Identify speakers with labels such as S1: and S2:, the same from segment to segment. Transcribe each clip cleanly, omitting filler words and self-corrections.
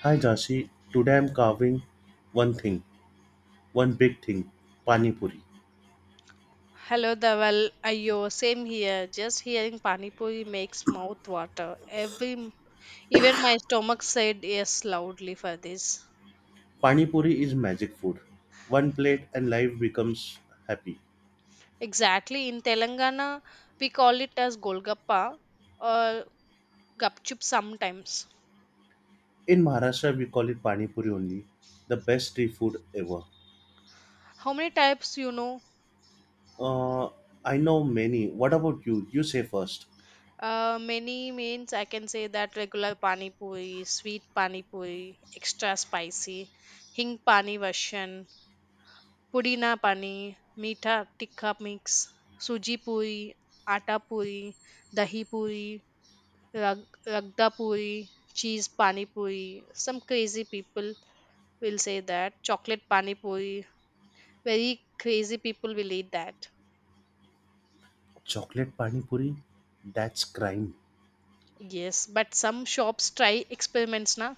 S1: Hi Jansi, today I'm carving one thing, one big thing, Pani Puri.
S2: Hello, Dawal. Ayo, same here. Just hearing pani puri makes mouth water. Even my stomach said yes loudly for this.
S1: Pani Puri is magic food. One plate and life becomes happy.
S2: Exactly. In Telangana, we call it as golgappa or gupchup sometimes.
S1: In Maharashtra, we call it Pani Puri only, the best street food ever.
S2: How many types you know?
S1: Uh, I know many. What about you? You say first.
S2: Many means I can say that regular pani puri, sweet pani puri, extra spicy, hing pani version, पुदीना पानी मीठा तिखा mix सूजी पूरी आटा पूरी dahi puri, ragda puri, cheese pani puri. Some crazy people will say that chocolate pani puri. Very crazy people will eat that.
S1: Chocolate Pani Puri? That's crime.
S2: Yes, but some shops try experiments na.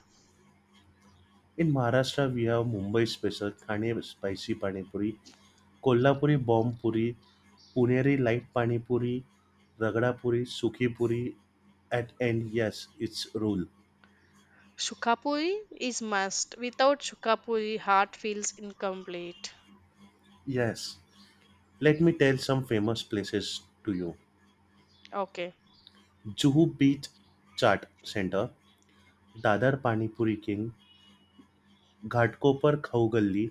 S1: In Maharashtra, we have Mumbai special Thane spicy Pani Puri Kolhapuri Bombpuri Puneri light panipuri ragdapuri sukhipuri at and yes it's rule.
S2: Shukapuri is must. Without shukapuri, heart feels incomplete.
S1: Yes, let me tell some famous places to you.
S2: Okay.
S1: Juhu beach chaat centre Dadar panipuri king Ghatkopar Khau Galli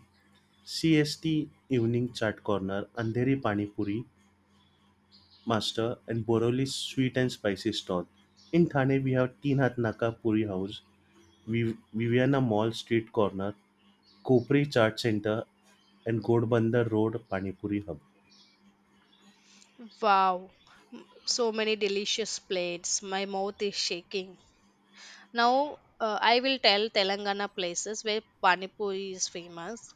S1: C S T evening chaat corner Andheri panipuri master and Borivali sweet and spicy stall in Thane we have Teen Haath Naka puri house Viviana mall street corner Kopri Chaat Center and Ghodbunder Road Panipuri Hub.
S2: Wow. M- so many delicious plates, my mouth is shaking. Now I will tell Telangana places where pani puri is famous.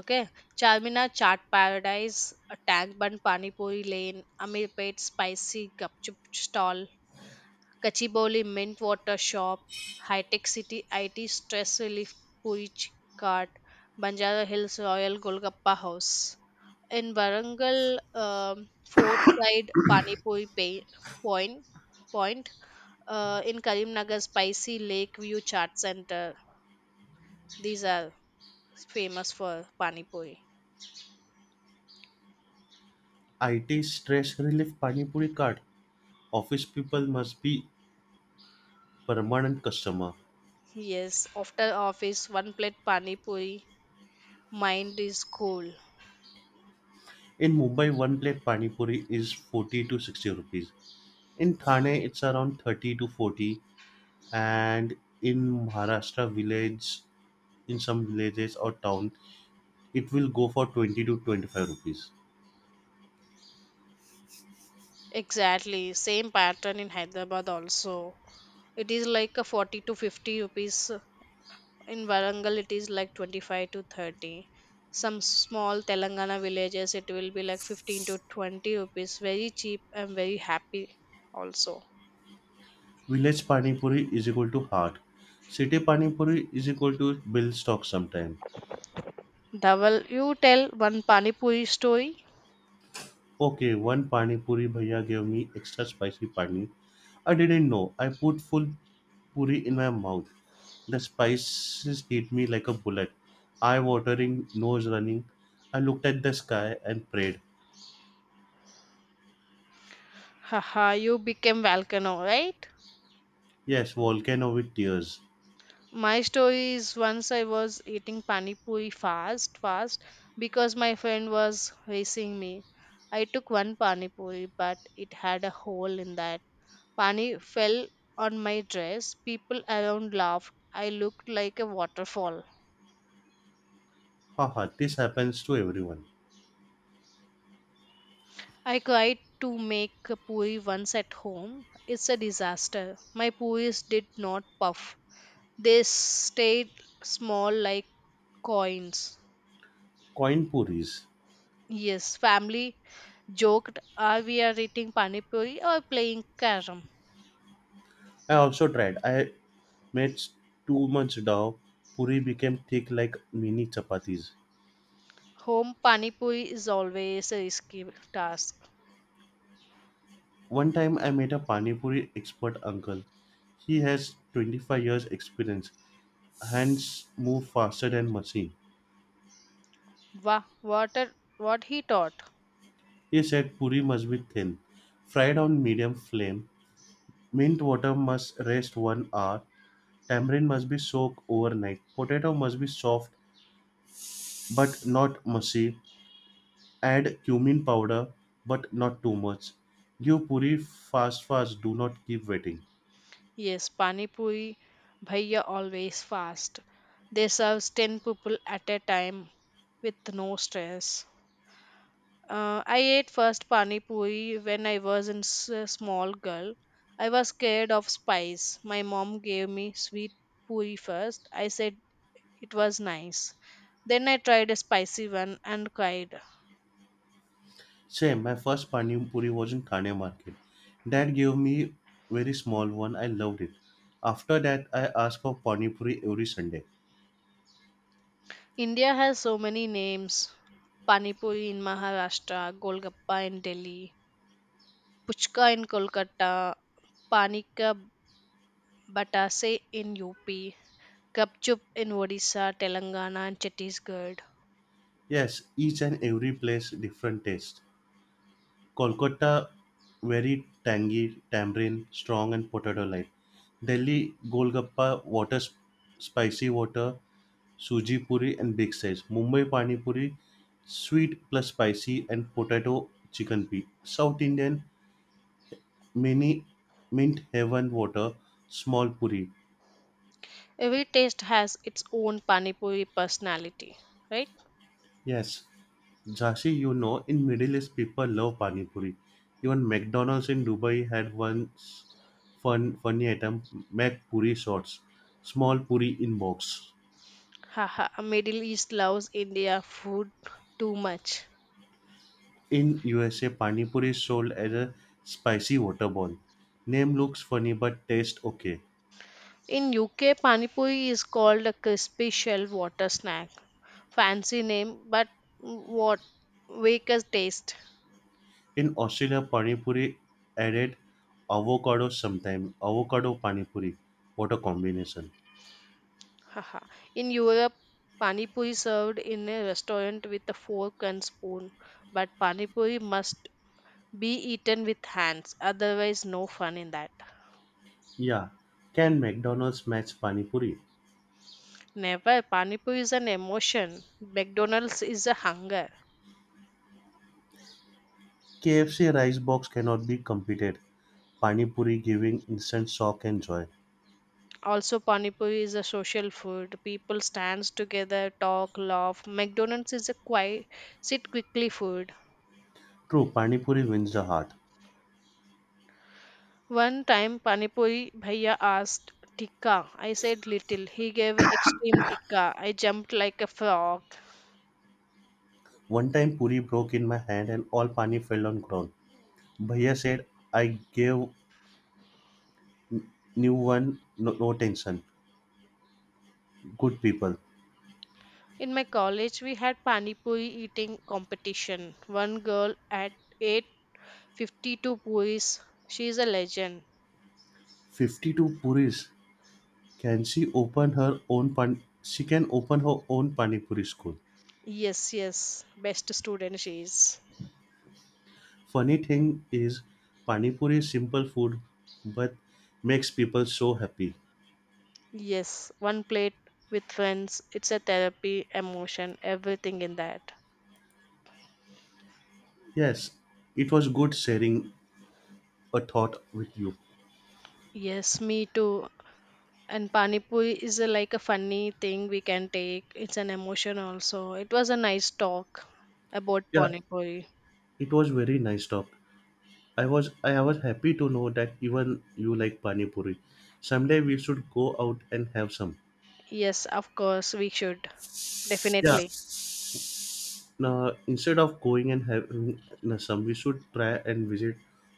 S2: Okay, Charminar Chaat Paradise, a Tank Bun Pani Puri Lane, Amirpet Spicy Gupchup Stall, Kachiboli Mint Water Shop, High Tech City IT Stress Relief Puich Cart, Banjara Hills Royal Golgappa House. In Warangal, Fort Side Pani Puri pay, Point, point in Karimnagar, Spicy Lake View Chart Center. These are famous for Pani Puri.
S1: IT Stress Relief Panipuri Puri Cart. Office people must be permanent customer.
S2: Yes, after office, one plate Pani Puri, mind is cool.
S1: In Mumbai, one plate Panipuri is 40 to 60 rupees. In Thane, it's around 30 to 40. And in Maharashtra village, in some villages or town, it will go for 20 to 25 rupees.
S2: Exactly, same pattern in Hyderabad also. It is like a 40 to 50 rupees. In Varangal, it is like 25 to 30. Some small Telangana villages, it will be like 15 to 20 rupees. Very cheap and very happy also.
S1: Village Panipuri is equal to heart. City Panipuri is equal to bill stock sometime.
S2: Dhaval, you tell one Pani Puri story.
S1: Okay, one Pani Puri bhaiya gave me extra spicy pani. I didn't know. I put full puri in my mouth. The spices hit me like a bullet. Eye watering, nose running. I looked at the sky and prayed.
S2: Haha, you became volcano, right?
S1: Yes, volcano with tears.
S2: My story is, once I was eating pani puri fast, fast, because my friend was racing me. I took one pani puri, but it had a hole in that. Pani fell on my dress. People around laughed. I looked like a waterfall.
S1: Haha, this happens to everyone.
S2: I tried to make a puri once at home. It's a disaster. My puris did not puff. They stayed small like coins.
S1: Coin puris.
S2: Yes, family joked, "Are we are eating pani puri or playing carom?"
S1: I also tried. I made too much dough. Puri became thick like mini chapatis.
S2: Home pani puri is always a risky task.
S1: One time I met a Pani Puri expert uncle. He has 25 years experience. Hands move faster than machine.
S2: Wah, what he taught.
S1: He said puri must be thin, fried on medium flame. Mint water must rest one hour. Tamarind must be soaked overnight. Potato must be soft but not mushy. Add cumin powder but not too much. Give puri fast fast. Do not keep waiting.
S2: Yes, pani puri bhaiya always fast. They serve ten people at a time with no stress. I ate first pani puri when I was in a small girl. I was scared of spice. My mom gave me sweet puri first. I said it was nice. Then I tried a spicy one and cried.
S1: Same. My first pani puri was in Thane market. Dad gave me very small one. I loved it. After that, I asked for pani puri every Sunday.
S2: India has so many names: Pani Puri in Maharashtra, Golgappa in Delhi, Puchka in Kolkata, Panika Batase in UP, Gupchup in Odisha, Telangana, and Chhattisgarh.
S1: Yes, each and every place different taste. Kolkata very tangy, tamarind, strong and potato light. Delhi golgappa, water spicy water, suji puri and big size. Mumbai pani puri, sweet plus spicy and potato chicken pea. South Indian mini mint heaven water, small puri.
S2: Every taste has its own Pani Puri personality, right?
S1: Yes, Jashi, you know, in Middle East, people love pani puri. Even McDonald's in Dubai had once fun funny item, Mac puri shots, small puri in box.
S2: Haha, Middle East loves India food too much.
S1: In USA, pani puri is sold as a spicy water ball. Name looks funny but taste okay.
S2: In UK, pani puri is called a crispy shell water snack. Fancy name, but what wake a taste.
S1: In Australia, pani puri added avocado sometime. Avocado pani puri. What a combination.
S2: Haha. In Europe, pani puri served in a restaurant with a fork and spoon, but pani puri must be eaten with hands, otherwise no fun in that.
S1: Yeah. Can McDonald's match pani puri?
S2: Never, pani puri is an emotion. McDonald's is a hunger.
S1: KFC rice box cannot be competed. Pani Puri giving instant shock and joy.
S2: Also, Panipuri is a social food. People stands together, talk, laugh. McDonald's is a quiet, sit quickly food.
S1: True, Pani Puri wins the heart.
S2: One time, Panipuri Bhaiya asked tikka. I said little. He gave extreme tikka. I jumped like a frog.
S1: One time Puri broke in my hand and all Pani fell on ground. Bhaiya said, I gave new one, no, no tension. Good people.
S2: In my college, we had Panipuri eating competition. One girl at ate 52 puris. She is a legend.
S1: 52 Puris. Can she open her own pan? She can open her own Pani Puri school.
S2: Yes, yes. Best student she is.
S1: Funny thing is, Pani Puri is simple food but makes people so happy.
S2: Yes, one plate with friends. It's a therapy, emotion, everything in that.
S1: Yes, it was good sharing a thought with you.
S2: Yes, me too. And pani puri is a, like a funny thing we can take. It's an emotion also. It was a nice talk about
S1: Yeah,
S2: pani puri.
S1: it was very nice talk. I was happy to know that even you like pani puri. Someday we should go out and have some.
S2: Yes, of course we should.
S1: Yeah.
S2: Definitely.
S1: Now instead of going and having some, we should try and visit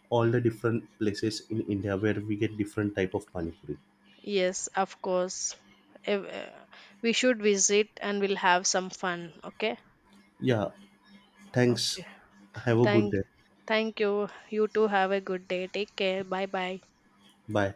S1: all the different places in India where we get different type of pani puri.
S2: Yes, of course. Ev- uh, We should visit and we'll have some fun. Okay.
S1: Yeah.
S2: Okay.
S1: Thanks. Have a good
S2: Thank.
S1: day.
S2: Thank you. You too have a good day. Take care. Bye bye.
S1: Bye.